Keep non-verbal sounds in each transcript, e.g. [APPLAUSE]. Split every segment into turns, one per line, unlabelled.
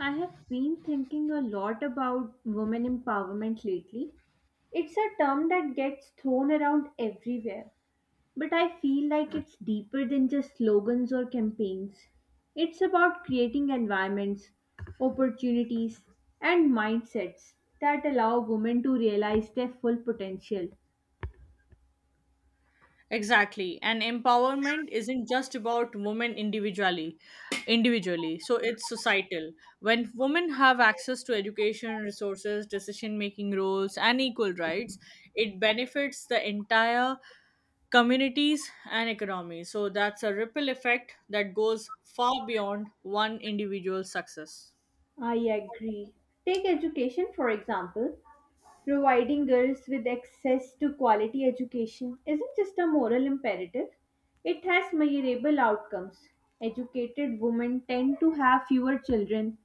I have been thinking a lot about women empowerment lately. It's a term that gets thrown around everywhere, but I feel like it's deeper than just slogans or campaigns. It's about creating environments, opportunities, and mindsets that allow women to realize their full potential.
Exactly. And empowerment isn't just about women individually. So it's societal. When women have access to education, resources, decision making roles and equal rights, it benefits the entire communities and economies. So that's a ripple effect that goes far beyond one individual's success.
I agree. Take education, for example. Providing girls with access to quality education isn't just a moral imperative, it has measurable outcomes. Educated women tend to have fewer children,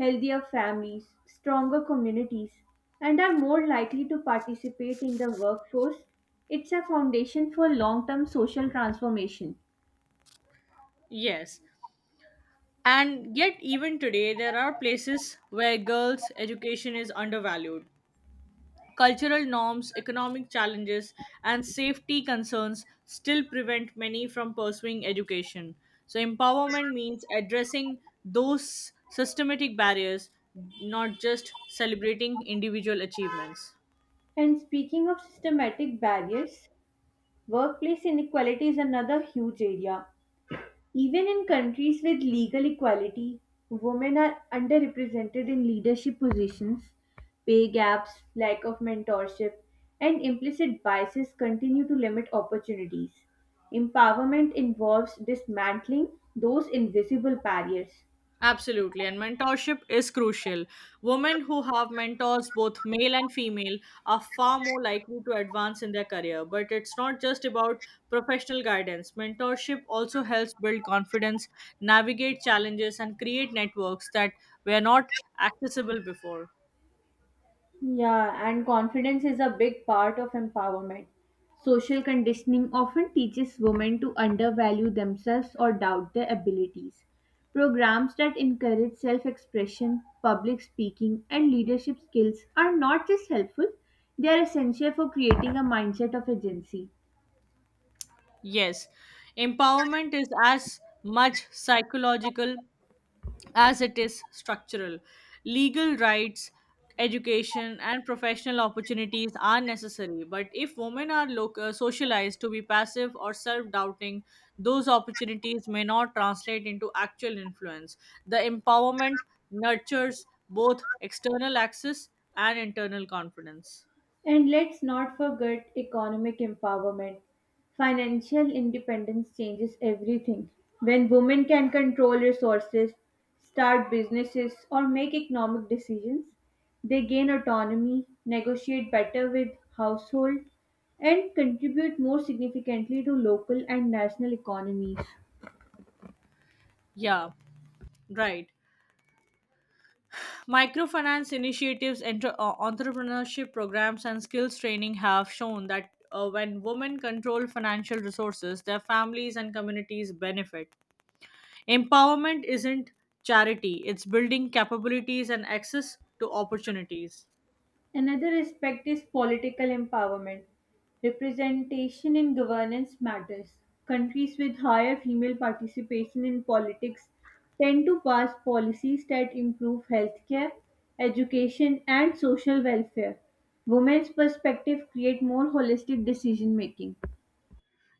healthier families, stronger communities, and are more likely to participate in the workforce. It's a foundation for long term social transformation.
Yes. And yet even today there are places where girls' education is undervalued. Cultural norms, economic challenges, and safety concerns still prevent many from pursuing education. So, empowerment means addressing those systematic barriers, not just celebrating individual achievements.
And speaking of systematic barriers, workplace inequality is another huge area. Even in countries with legal equality, women are underrepresented in leadership positions. Pay gaps, lack of mentorship, and implicit biases continue to limit opportunities. Empowerment involves dismantling those invisible barriers.
Absolutely, and mentorship is crucial. Women who have mentors, both male and female, are far more likely to advance in their career. But it's not just about professional guidance. Mentorship also helps build confidence, navigate challenges, and create networks that were not accessible before.
Yeah, and confidence is a big part of empowerment. Social conditioning often teaches women to undervalue themselves or doubt their abilities. Programs that encourage self expression, public speaking, and leadership skills are not just helpful, they are essential for creating a mindset of agency.
Yes, empowerment is as much psychological as it is structural. Legal rights, education, and professional opportunities are necessary, but if women are socialized to be passive or self doubting, those opportunities may not translate into actual influence. The empowerment nurtures both external access and internal confidence.
And let's not forget economic empowerment. Financial independence changes everything. When women can control resources, start businesses, or make economic decisions, they gain autonomy, negotiate better with household, and contribute more significantly to local and national economies.
Yeah, right. Microfinance initiatives, entrepreneurship programs, and skills training have shown that when women control financial resources, their families and communities benefit. Empowerment isn't charity, it's building capabilities and access to opportunities.
Another aspect is political empowerment. Representation in governance matters. Countries with higher female participation in politics tend to pass policies that improve healthcare, education, and social welfare. Women's perspective create more holistic decision making.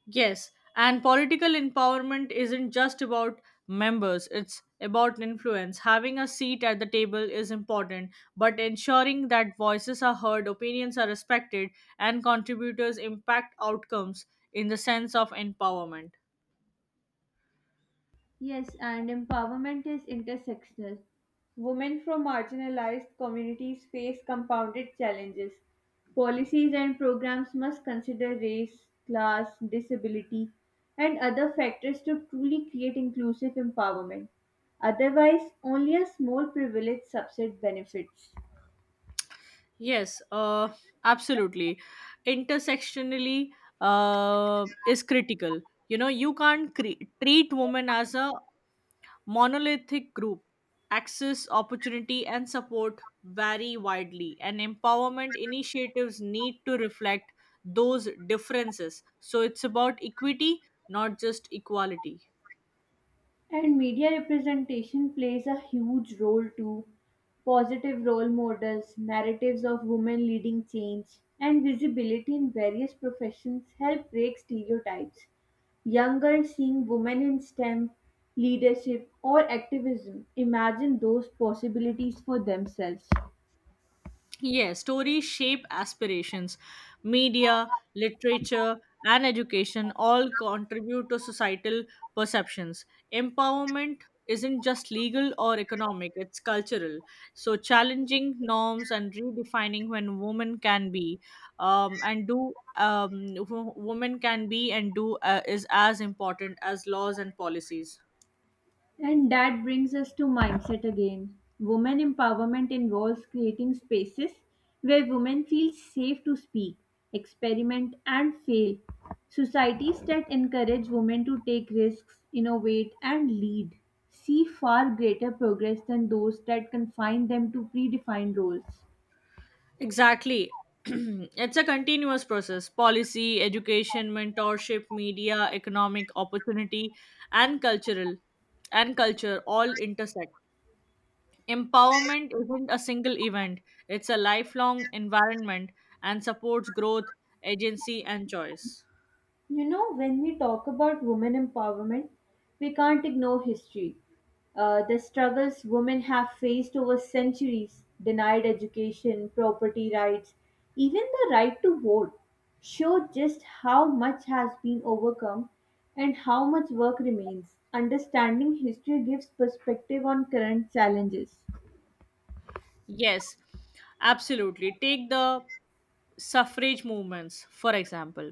Yes, and political empowerment isn't just about members, it's about influence. Having a seat at the table is important, but ensuring that voices are heard, opinions are respected, and contributors impact outcomes in the sense of empowerment.
Yes, and empowerment is intersectional. Women from marginalized communities face compounded challenges. Policies and programs must consider race, class, disability, and other factors to truly create inclusive empowerment. Otherwise, only a small privileged subset benefits.
Yes, absolutely. Intersectionally is critical. You know, you can't treat women as a monolithic group. Access, opportunity, and support vary widely, and empowerment initiatives need to reflect those differences. So it's about equity, not just equality.
And media representation plays a huge role too. Positive role models, narratives of women leading change, and visibility in various professions help break stereotypes. Young girls seeing women in STEM, leadership, or activism imagine those possibilities for themselves.
Yeah, stories shape aspirations. Media, literature, and education all contribute to societal perceptions. Empowerment isn't just legal or economic, it's cultural. So, challenging norms and redefining when women can be and do. Women can be and do is as important as laws and policies.
And that brings us to mindset again. Women empowerment involves creating spaces where women feel safe to speak, experiment, and fail. Societies that encourage women to take risks, innovate, and lead see far greater progress than those that confine them to predefined roles.
Exactly. [CLEARS THROAT] It's a continuous process. Policy, education, mentorship, media, economic opportunity, and cultural and culture all intersect. Empowerment isn't a single event, it's a lifelong environment and supports growth, agency, and choice.
You know, when we talk about women empowerment, we can't ignore history. The struggles women have faced over centuries denied education, property rights, even the right to vote show just how much has been overcome and how much work remains. Understanding history gives perspective on current challenges.
Yes, absolutely. Take the suffrage movements, for example.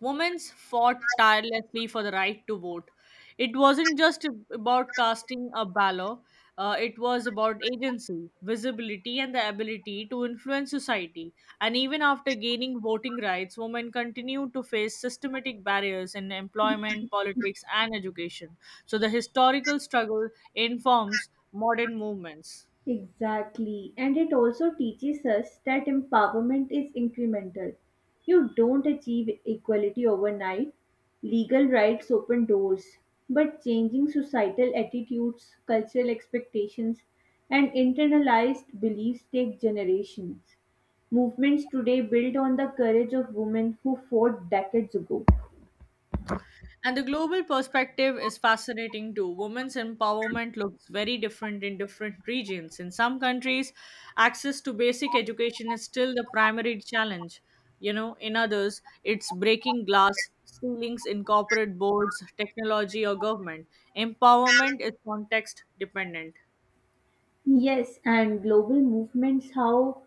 Women fought tirelessly for the right to vote. It wasn't just about casting a ballot, it was about agency, visibility, and the ability to influence society. And even after gaining voting rights, women continued to face systematic barriers in employment, politics, and education. So the historical struggle informs modern movements.
Exactly. And it also teaches us that empowerment is incremental. You don't achieve equality overnight. Legal rights open doors, but changing societal attitudes, cultural expectations, and internalized beliefs take generations. Movements today build on the courage of women who fought decades ago.
And the global perspective is fascinating too. Women's empowerment looks very different in different regions. In some countries, access to basic education is still the primary challenge. You know, in others, it's breaking glass ceilings in corporate boards, technology, or government. Empowerment is context dependent.
Yes, and global movements how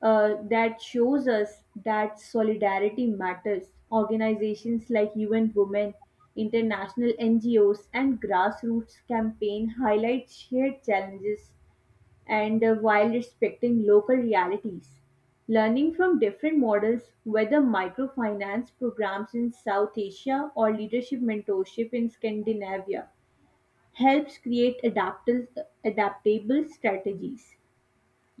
that shows us that solidarity matters. Organizations like UN Women, international NGOs, and grassroots campaign highlight shared challenges and, while respecting local realities. Learning from different models, whether microfinance programs in South Asia or leadership mentorship in Scandinavia, helps create adaptable, strategies.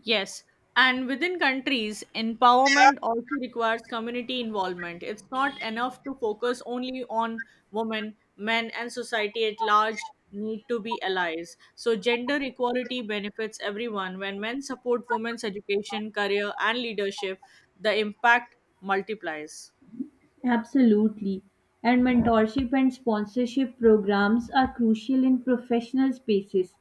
Yes, and within countries, empowerment also requires community involvement. It's not enough to focus only on women, men, and society at large need to be allies. So, gender equality benefits everyone. When men support women's education, career, and leadership, the impact multiplies.
Absolutely. And mentorship and sponsorship programs are crucial in professional spaces.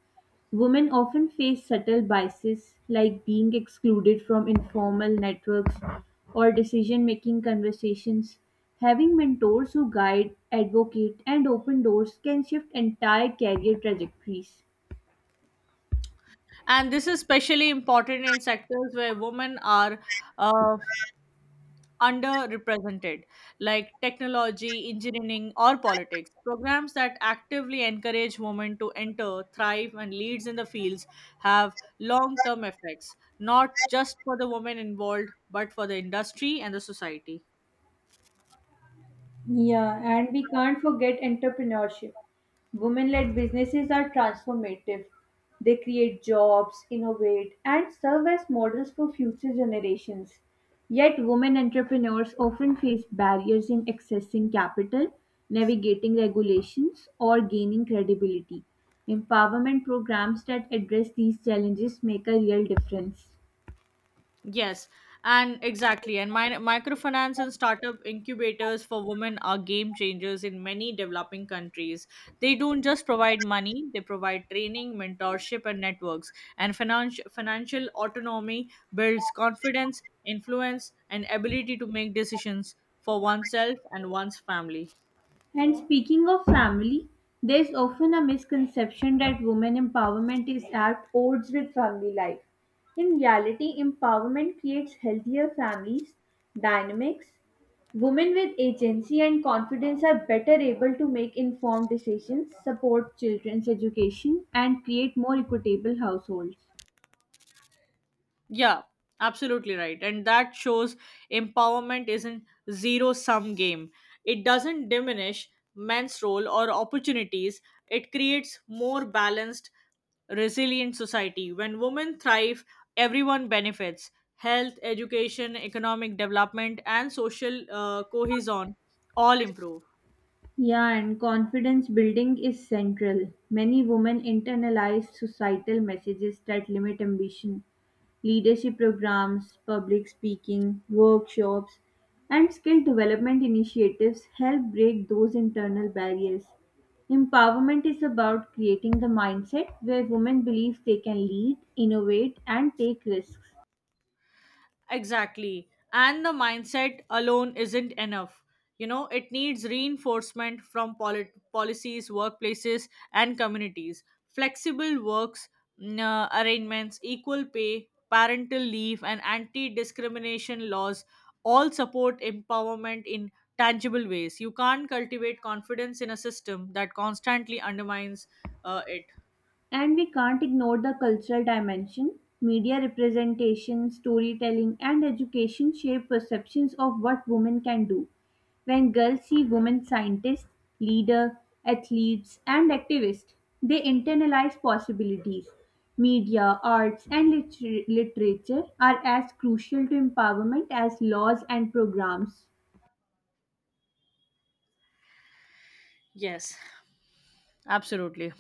Women often face subtle biases like being excluded from informal networks or decision making conversations. Having mentors who guide, advocate, and open doors can shift entire career trajectories.
And this is especially important in sectors where women are uh, underrepresented, like technology, engineering, or politics. Programs that actively encourage women to enter, thrive, and leads in the fields have long-term effects, not just for the women involved, but for the industry and the society.
Yeah, and we can't forget entrepreneurship. Women led businesses are transformative. They create jobs, innovate, and serve as models for future generations. Yet, women entrepreneurs often face barriers in accessing capital, navigating regulations, or gaining credibility. Empowerment programs that address these challenges make a real difference.
Yes, and exactly. And microfinance and startup incubators for women are game changers in many developing countries. They don't just provide money, they provide training, mentorship, and networks. And financial autonomy builds confidence, influence, and ability to make decisions for oneself and one's family.
And speaking of family, there is often a misconception that women empowerment is at odds with family life. In reality, empowerment creates healthier families, dynamics. Women with agency and confidence are better able to make informed decisions, support children's education, and create more equitable households.
Yeah, absolutely right. And that shows empowerment isn't zero sum game. It doesn't diminish men's role or opportunities. It creates more balanced, resilient society. When women thrive, everyone benefits. Health, education, economic development, and social cohesion all improve.
Yeah, and confidence building is central. Many women internalize societal messages that limit ambition leadership programs, public speaking, workshops, and skill development initiatives help break those internal barriers. Empowerment is about creating the mindset where women believe they can lead, innovate, and take risks.
Exactly. And the mindset alone isn't enough. You know, it needs reinforcement from policies, workplaces, and communities. Flexible works arrangements, equal pay, parental leave, and anti discrimination laws all support empowerment in tangible ways. You can't cultivate confidence in a system that constantly undermines it.
And we can't ignore the cultural dimension. Media representation, storytelling, and education shape perceptions of what women can do. When girls see women scientists, leaders, athletes, and activists, they internalize possibilities. Media, arts, and literature are as crucial to empowerment as laws and programs.
Yes, absolutely.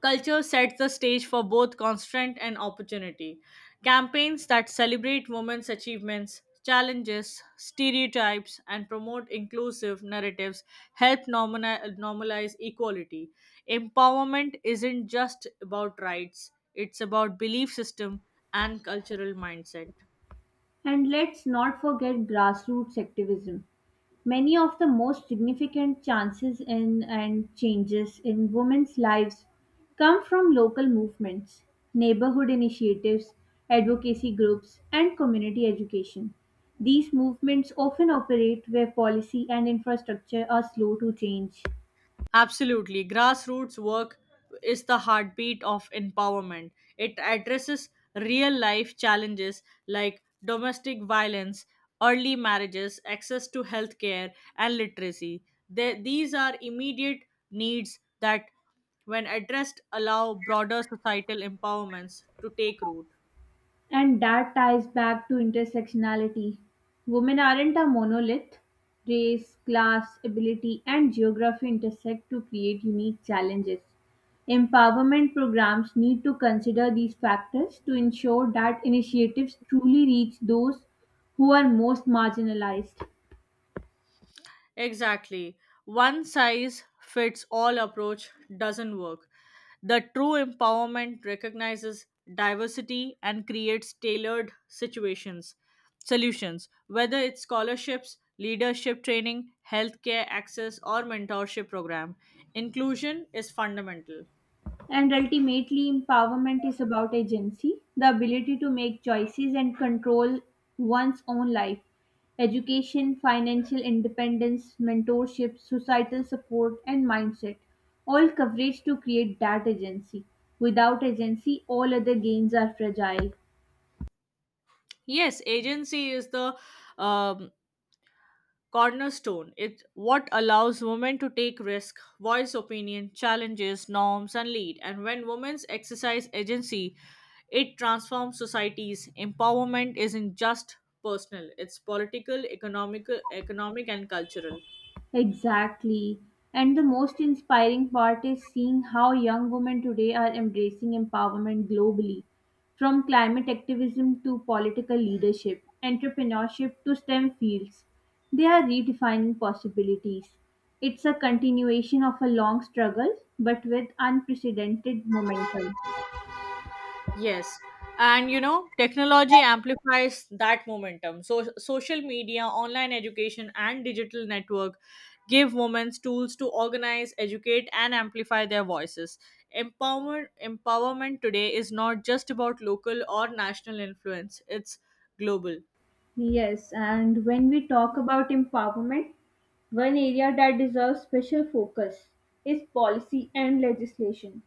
Culture sets the stage for both constraint and opportunity. Campaigns that celebrate women's achievements, challenges, stereotypes, and promote inclusive narratives help normalize equality. Empowerment isn't just about rights, it's about belief system and cultural mindset.
And let's not forget grassroots activism. Many of the most significant chances in and changes in women's lives come from local movements, neighborhood initiatives, advocacy groups, and community education. These movements often operate where policy and infrastructure are slow to change.
Absolutely. Grassroots work is the heartbeat of empowerment. It addresses real life challenges like domestic violence, early marriages, access to healthcare, and literacy. These are immediate needs that, when addressed, allow broader societal empowerments to take root.
And that ties back to intersectionality. Women aren't a monolith. Race, class, ability, and geography intersect to create unique challenges. Empowerment programs need to consider these factors to ensure that initiatives truly reach those who are most marginalized.
Exactly. One size fits all approach doesn't work. The true empowerment recognizes diversity and creates tailored situations, solutions, whether it's scholarships, leadership training, healthcare access, or mentorship program. Inclusion is fundamental.
And ultimately, empowerment is about agency, the ability to make choices and control one's own life. Education, financial independence, mentorship, societal support, and mindset all coverage to create that agency. Without agency, all other gains are fragile.
Yes, agency is the um, cornerstone. It's what allows women to take risk, voice opinion, challenges, norms, and lead. And when women exercise agency, it transforms societies. Empowerment isn't just personal; it's political, economic, and cultural.
Exactly. And the most inspiring part is seeing how young women today are embracing empowerment globally, from climate activism to political leadership, entrepreneurship to STEM fields. They are redefining possibilities. It's a continuation of a long struggle, but with unprecedented momentum.
Yes. And you know, technology amplifies that momentum. So social media, online education, and digital network give women tools to organize, educate, and amplify their voices. Empowerment today is not just about local or national influence, it's global.
Yes, and when we talk about empowerment, one area that deserves special focus is policy and legislation.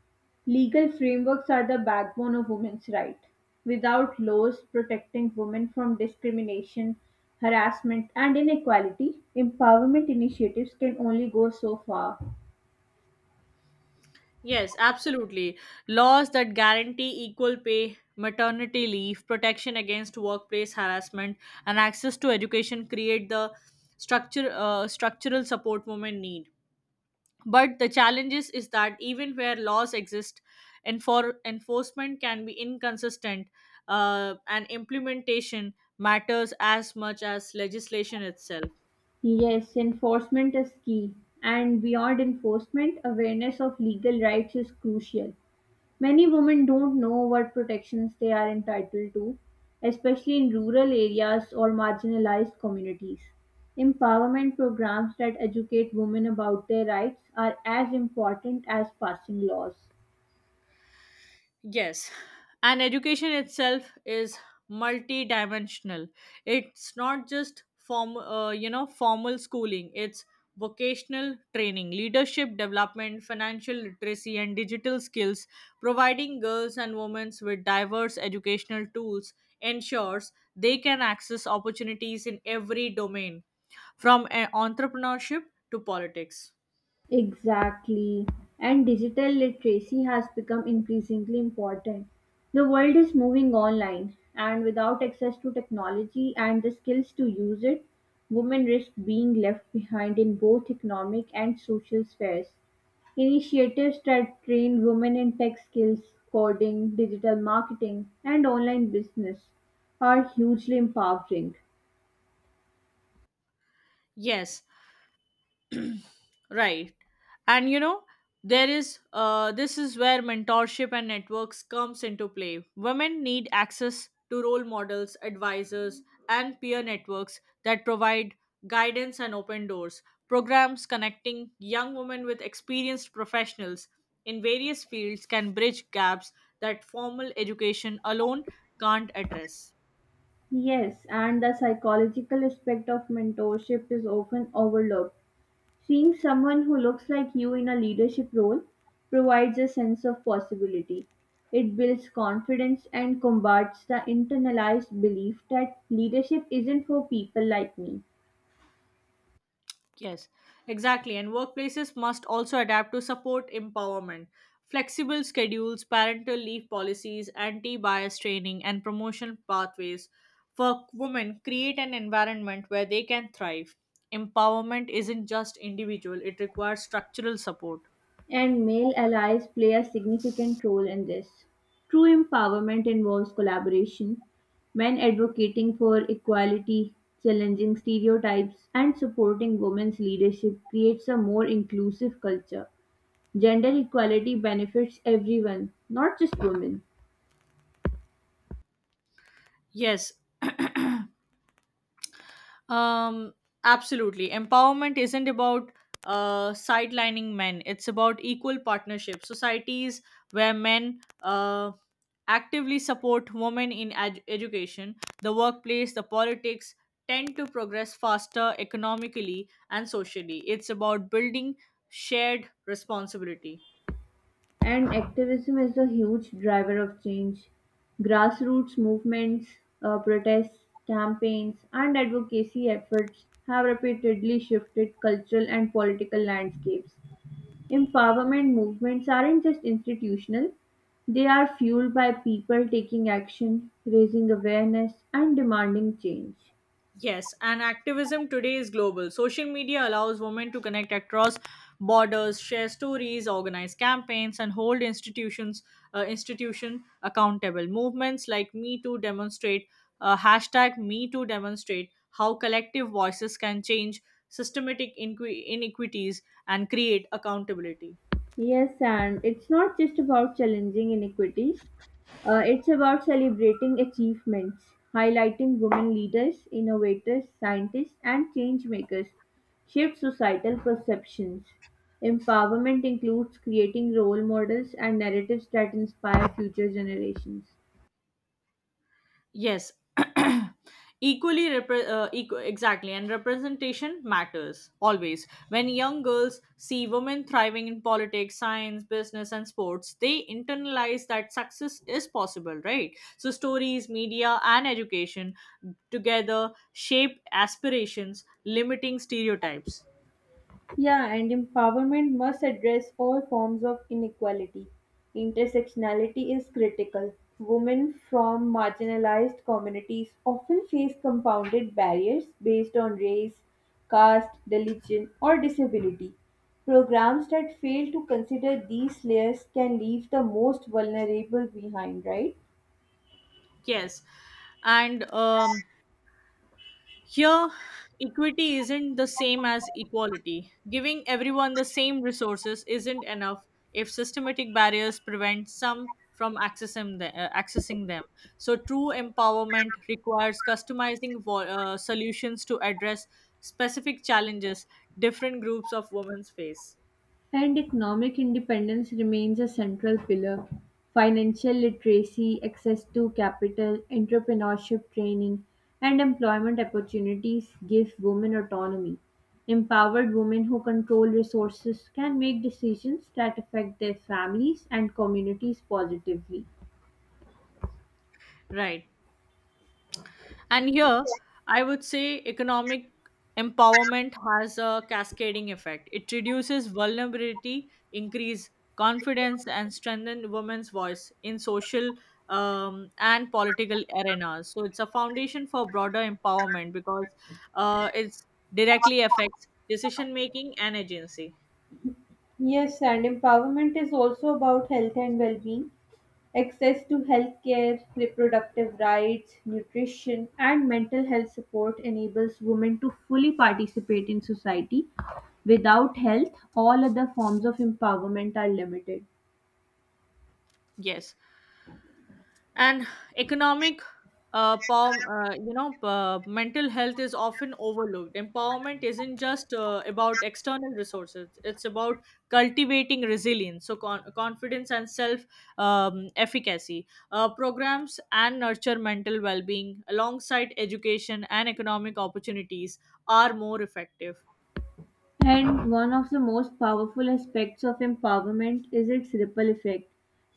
Legal frameworks are the backbone of women's rights. Without laws protecting women from discrimination, harassment, and inequality, empowerment initiatives can only go so far.
Yes, absolutely. Laws that guarantee equal pay, maternity leave, protection against workplace harassment, and access to education create the structure structural support women need. But the challenges is that even where laws exist, enforcement can be inconsistent, and implementation matters as much as legislation itself.
Yes, enforcement is key, and beyond enforcement, awareness of legal rights is crucial. Many women don't know what protections they are entitled to, especially in rural areas or marginalized communities. Empowerment programs that educate women about their rights are as important as passing laws.
Yes, and education itself is multidimensional. It's not just formal schooling. It's vocational training, leadership development, financial literacy, and digital skills. Providing girls and women with diverse educational tools ensures they can access opportunities in every domain, from entrepreneurship to politics.
Exactly. And digital literacy has become increasingly important. The world is moving online, and without access to technology and the skills to use it, women risk being left behind in both economic and social spheres. Initiatives that train women in tech skills, coding, digital marketing, and online business are hugely empowering.
Yes. [CLEARS THROAT] Right. And you know, there is this is where mentorship and networks comes into play. Women need access to role models, advisors, and peer networks that provide guidance and open doors. Programs connecting young women with experienced professionals in various fields can bridge gaps that formal education alone can't address.
Yes, and the psychological aspect of mentorship is often overlooked. Seeing someone who looks like you in a leadership role provides a sense of possibility. It builds confidence and combats the internalized belief that leadership isn't for people like me.
Yes, exactly. And workplaces must also adapt to support empowerment. Flexible schedules, parental leave policies, anti bias training, and promotion pathways for women create an environment where they can thrive. Empowerment isn't just individual, it requires structural support.
And male allies play a significant role in this. True empowerment involves collaboration, men advocating for equality, challenging stereotypes, and supporting women's leadership creates a more inclusive culture. Gender equality benefits everyone, not just women.
Yes, Um, absolutely. Empowerment isn't about sidelining men, it's about equal partnership. Societies where men actively support women in education, the workplace, the politics tend to progress faster economically and socially. It's about building shared responsibility.
And activism is a huge driver of change. Grassroots movements, protests, campaigns, and advocacy efforts have repeatedly shifted cultural and political landscapes. Empowerment movements aren't just institutional, they are fueled by people taking action, raising awareness, and demanding change.
Yes, and activism today is global. Social media allows women to connect across borders, share stories, organize campaigns, and hold institution accountable. Movements like Me Too demonstrate hashtag Me Too demonstrate how collective voices can change systematic inequities and create accountability.
Yes, and it's not just about challenging inequities, it's about celebrating achievements, highlighting women leaders, innovators, scientists, and change makers, shift societal perceptions. Empowerment includes creating role models and narratives that inspire future generations.
Yes, [CLEARS THROAT] exactly, and representation matters always. When young girls see women thriving in politics, science, business, and sports, they internalize that success is possible, right? So, stories, media, and education together shape aspirations, limiting stereotypes.
Yeah, and empowerment must address all forms of inequality. Intersectionality is critical. Women from marginalized communities often face compounded barriers based on race, caste, religion, or disability. Programs that fail to consider these layers can leave the most vulnerable behind, right?
Yes, and Here, equity isn't the same as equality. Giving everyone the same resources isn't enough if systematic barriers prevent some from accessing them. So, true empowerment requires customizing solutions to address specific challenges different groups of women face.
And economic independence remains a central pillar. Financial literacy, access to capital, entrepreneurship training, and employment opportunities give women autonomy. Empowered women who control resources can make decisions that affect their families and communities positively.
Right. And here, I would say economic empowerment has a cascading effect. It reduces vulnerability, increase confidence, and strengthen women's voice in social and political arenas. So it's a foundation for broader empowerment because it directly affects decision making and agency.
Yes, and empowerment is also about health and well being. Access to healthcare, reproductive rights, nutrition, and mental health support enables women to fully participate in society. Without health, all other forms of empowerment are limited.
Yes. And economic pow- you know mental health is often overlooked. Empowerment isn't just about external resources, it's about cultivating resilience, so confidence and self efficacy programs and nurture mental well-being alongside education and economic opportunities are more effective,
And one of the most powerful aspects of empowerment is its ripple effect.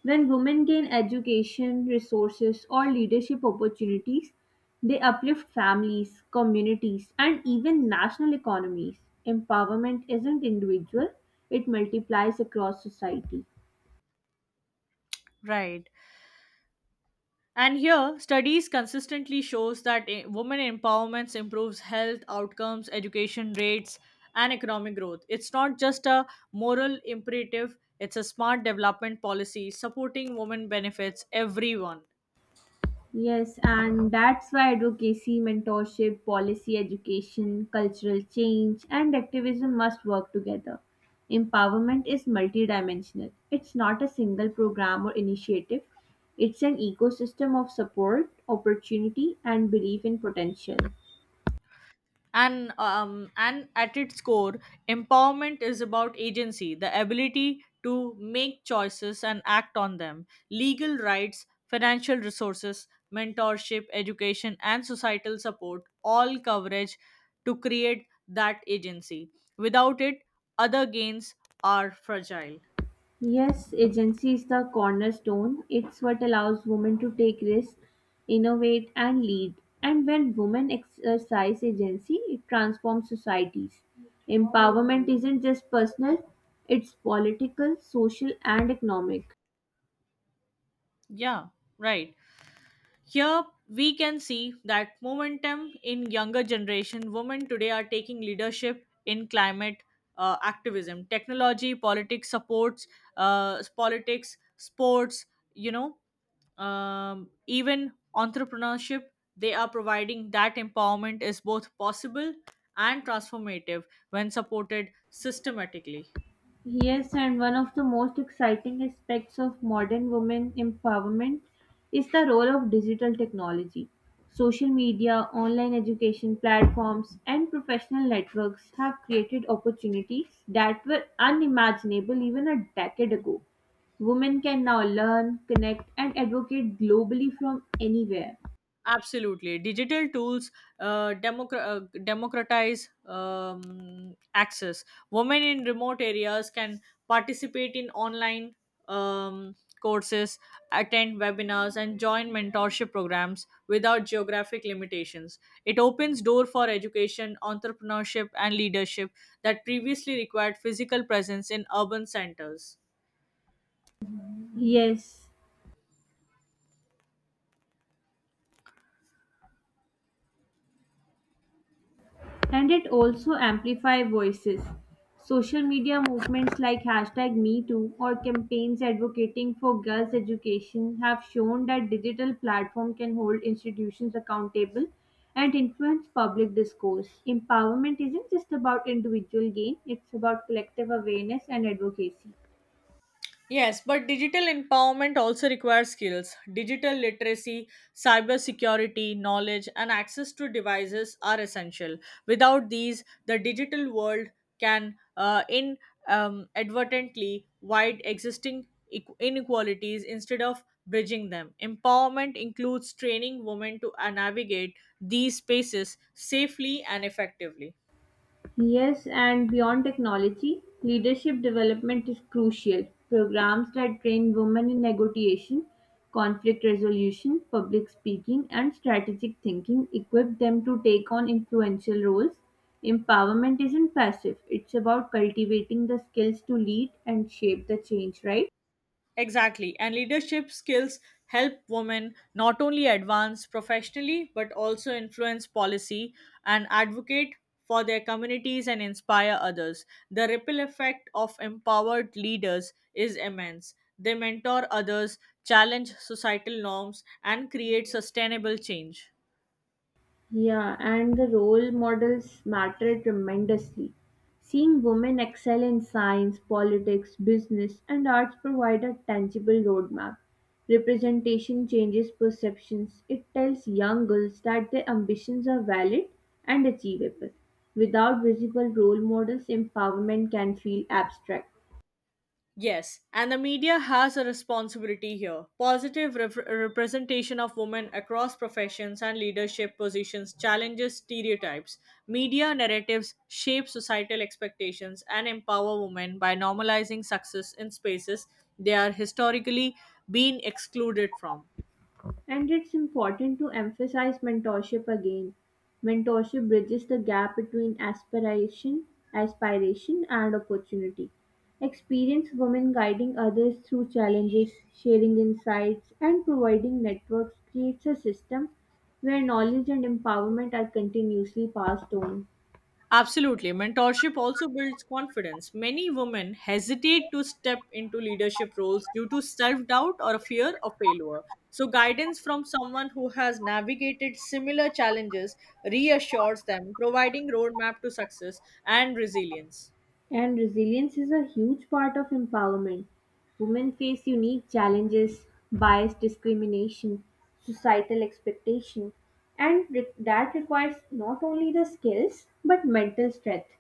When women gain education, resources, or leadership opportunities, they uplift families, communities, and even national economies. Empowerment isn't individual, it multiplies across society.
right? And here, studies consistently shows that women empowerment improves health outcomes, education rates, and economic growth. It's not just a moral imperative; it's a smart development policy supporting women benefits everyone.
Yes, and that's why advocacy, mentorship, policy education, cultural change, and activism must work together. Empowerment is multidimensional. It's not a single program or initiative, it's an ecosystem of support, opportunity, and belief in potential.
And and at its core, empowerment is about agency, the ability to make choices and act on them. Legal rights, financial resources, mentorship, education, and societal support all coverage to create that agency. Without it, other gains are fragile.
Yes, agency is the cornerstone. It's what allows women to take risks, innovate, and lead. And when women exercise agency, it transforms societies. Empowerment isn't just personal, it's political, social, and economic.
Yeah, right. Here we can see that momentum in younger generation. Women today are taking leadership in climate activism, technology, politics, sports, you know, even entrepreneurship. They are providing that empowerment is both possible and transformative when supported systematically.
Yes, and one of the most exciting aspects of modern women empowerment is the role of digital technology. Social media, online education platforms, and professional networks have created opportunities that were unimaginable even a decade ago. Women can now learn, connect, and advocate globally from anywhere.
Absolutely. Digital tools democratize access. Women in remote areas can participate in online um, courses, attend webinars, and join mentorship programs without geographic limitations. It opens door for education, entrepreneurship, and leadership that previously required physical presence in urban centers.
Yes, and it also amplifies voices. Social media movements like hashtag MeToo or campaigns advocating for girls' education have shown that digital platform can hold institutions accountable and influence public discourse. Empowerment isn't just about individual gain, it's about collective awareness and advocacy.
Yes, but digital empowerment also requires skills. Digital literacy, cybersecurity, knowledge, and access to devices are essential. Without these, the digital world can in advertently wide existing inequalities instead of bridging them. Empowerment includes training women to navigate these spaces safely and effectively.
Yes, and beyond technology, leadership development is crucial. Programs that train women in negotiation, conflict resolution, public speaking, and strategic thinking equip them to take on influential roles. Empowerment isn't passive, it's about cultivating the skills to lead and shape the change, right?
Exactly. And leadership skills help women not only advance professionally but also influence policy and advocate for their communities and inspire others. The ripple effect of empowered leaders is immense. They mentor others, challenge societal norms, and create sustainable change.
Yeah, and the role models matter tremendously. Seeing women excel in science, politics, business, and arts provide a tangible roadmap. Representation changes perceptions. It tells young girls that their ambitions are valid and achievable. Without visible role models, empowerment can feel abstract.
Yes, and the media has a responsibility here. Positive representation of women across professions and leadership positions challenges stereotypes. Media narratives shape societal expectations and empower women by normalizing success in spaces they are historically being excluded from.
And it's important to emphasize mentorship again. Mentorship bridges the gap between aspiration, and opportunity. Experienced women guiding others through challenges, sharing insights, and providing networks creates a system where knowledge and empowerment are continuously passed on.
Absolutely. Mentorship also builds confidence. Many women hesitate to step into leadership roles due to self doubt or a fear of failure. So, guidance from someone who has navigated similar challenges reassures them, providing roadmap to success and resilience.
And resilience is a huge part of empowerment. Women face unique challenges, bias, discrimination, societal expectation, and that requires not only the skills but mental strength.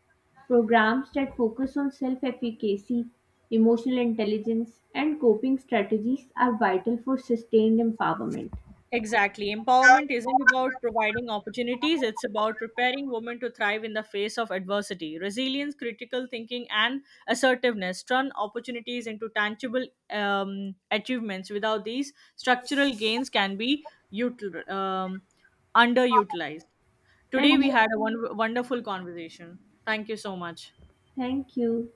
Programs that focus on self efficacy, emotional intelligence, and coping strategies are vital for sustained empowerment.
Exactly. Empowerment isn't about providing opportunities, it's about preparing women to thrive in the face of adversity. Resilience, critical thinking, and assertiveness turn opportunities into tangible achievements. Without these, structural gains can be util- um, underutilized. Today,
And
we had a wonderful conversation. Thank you so much.
thank you.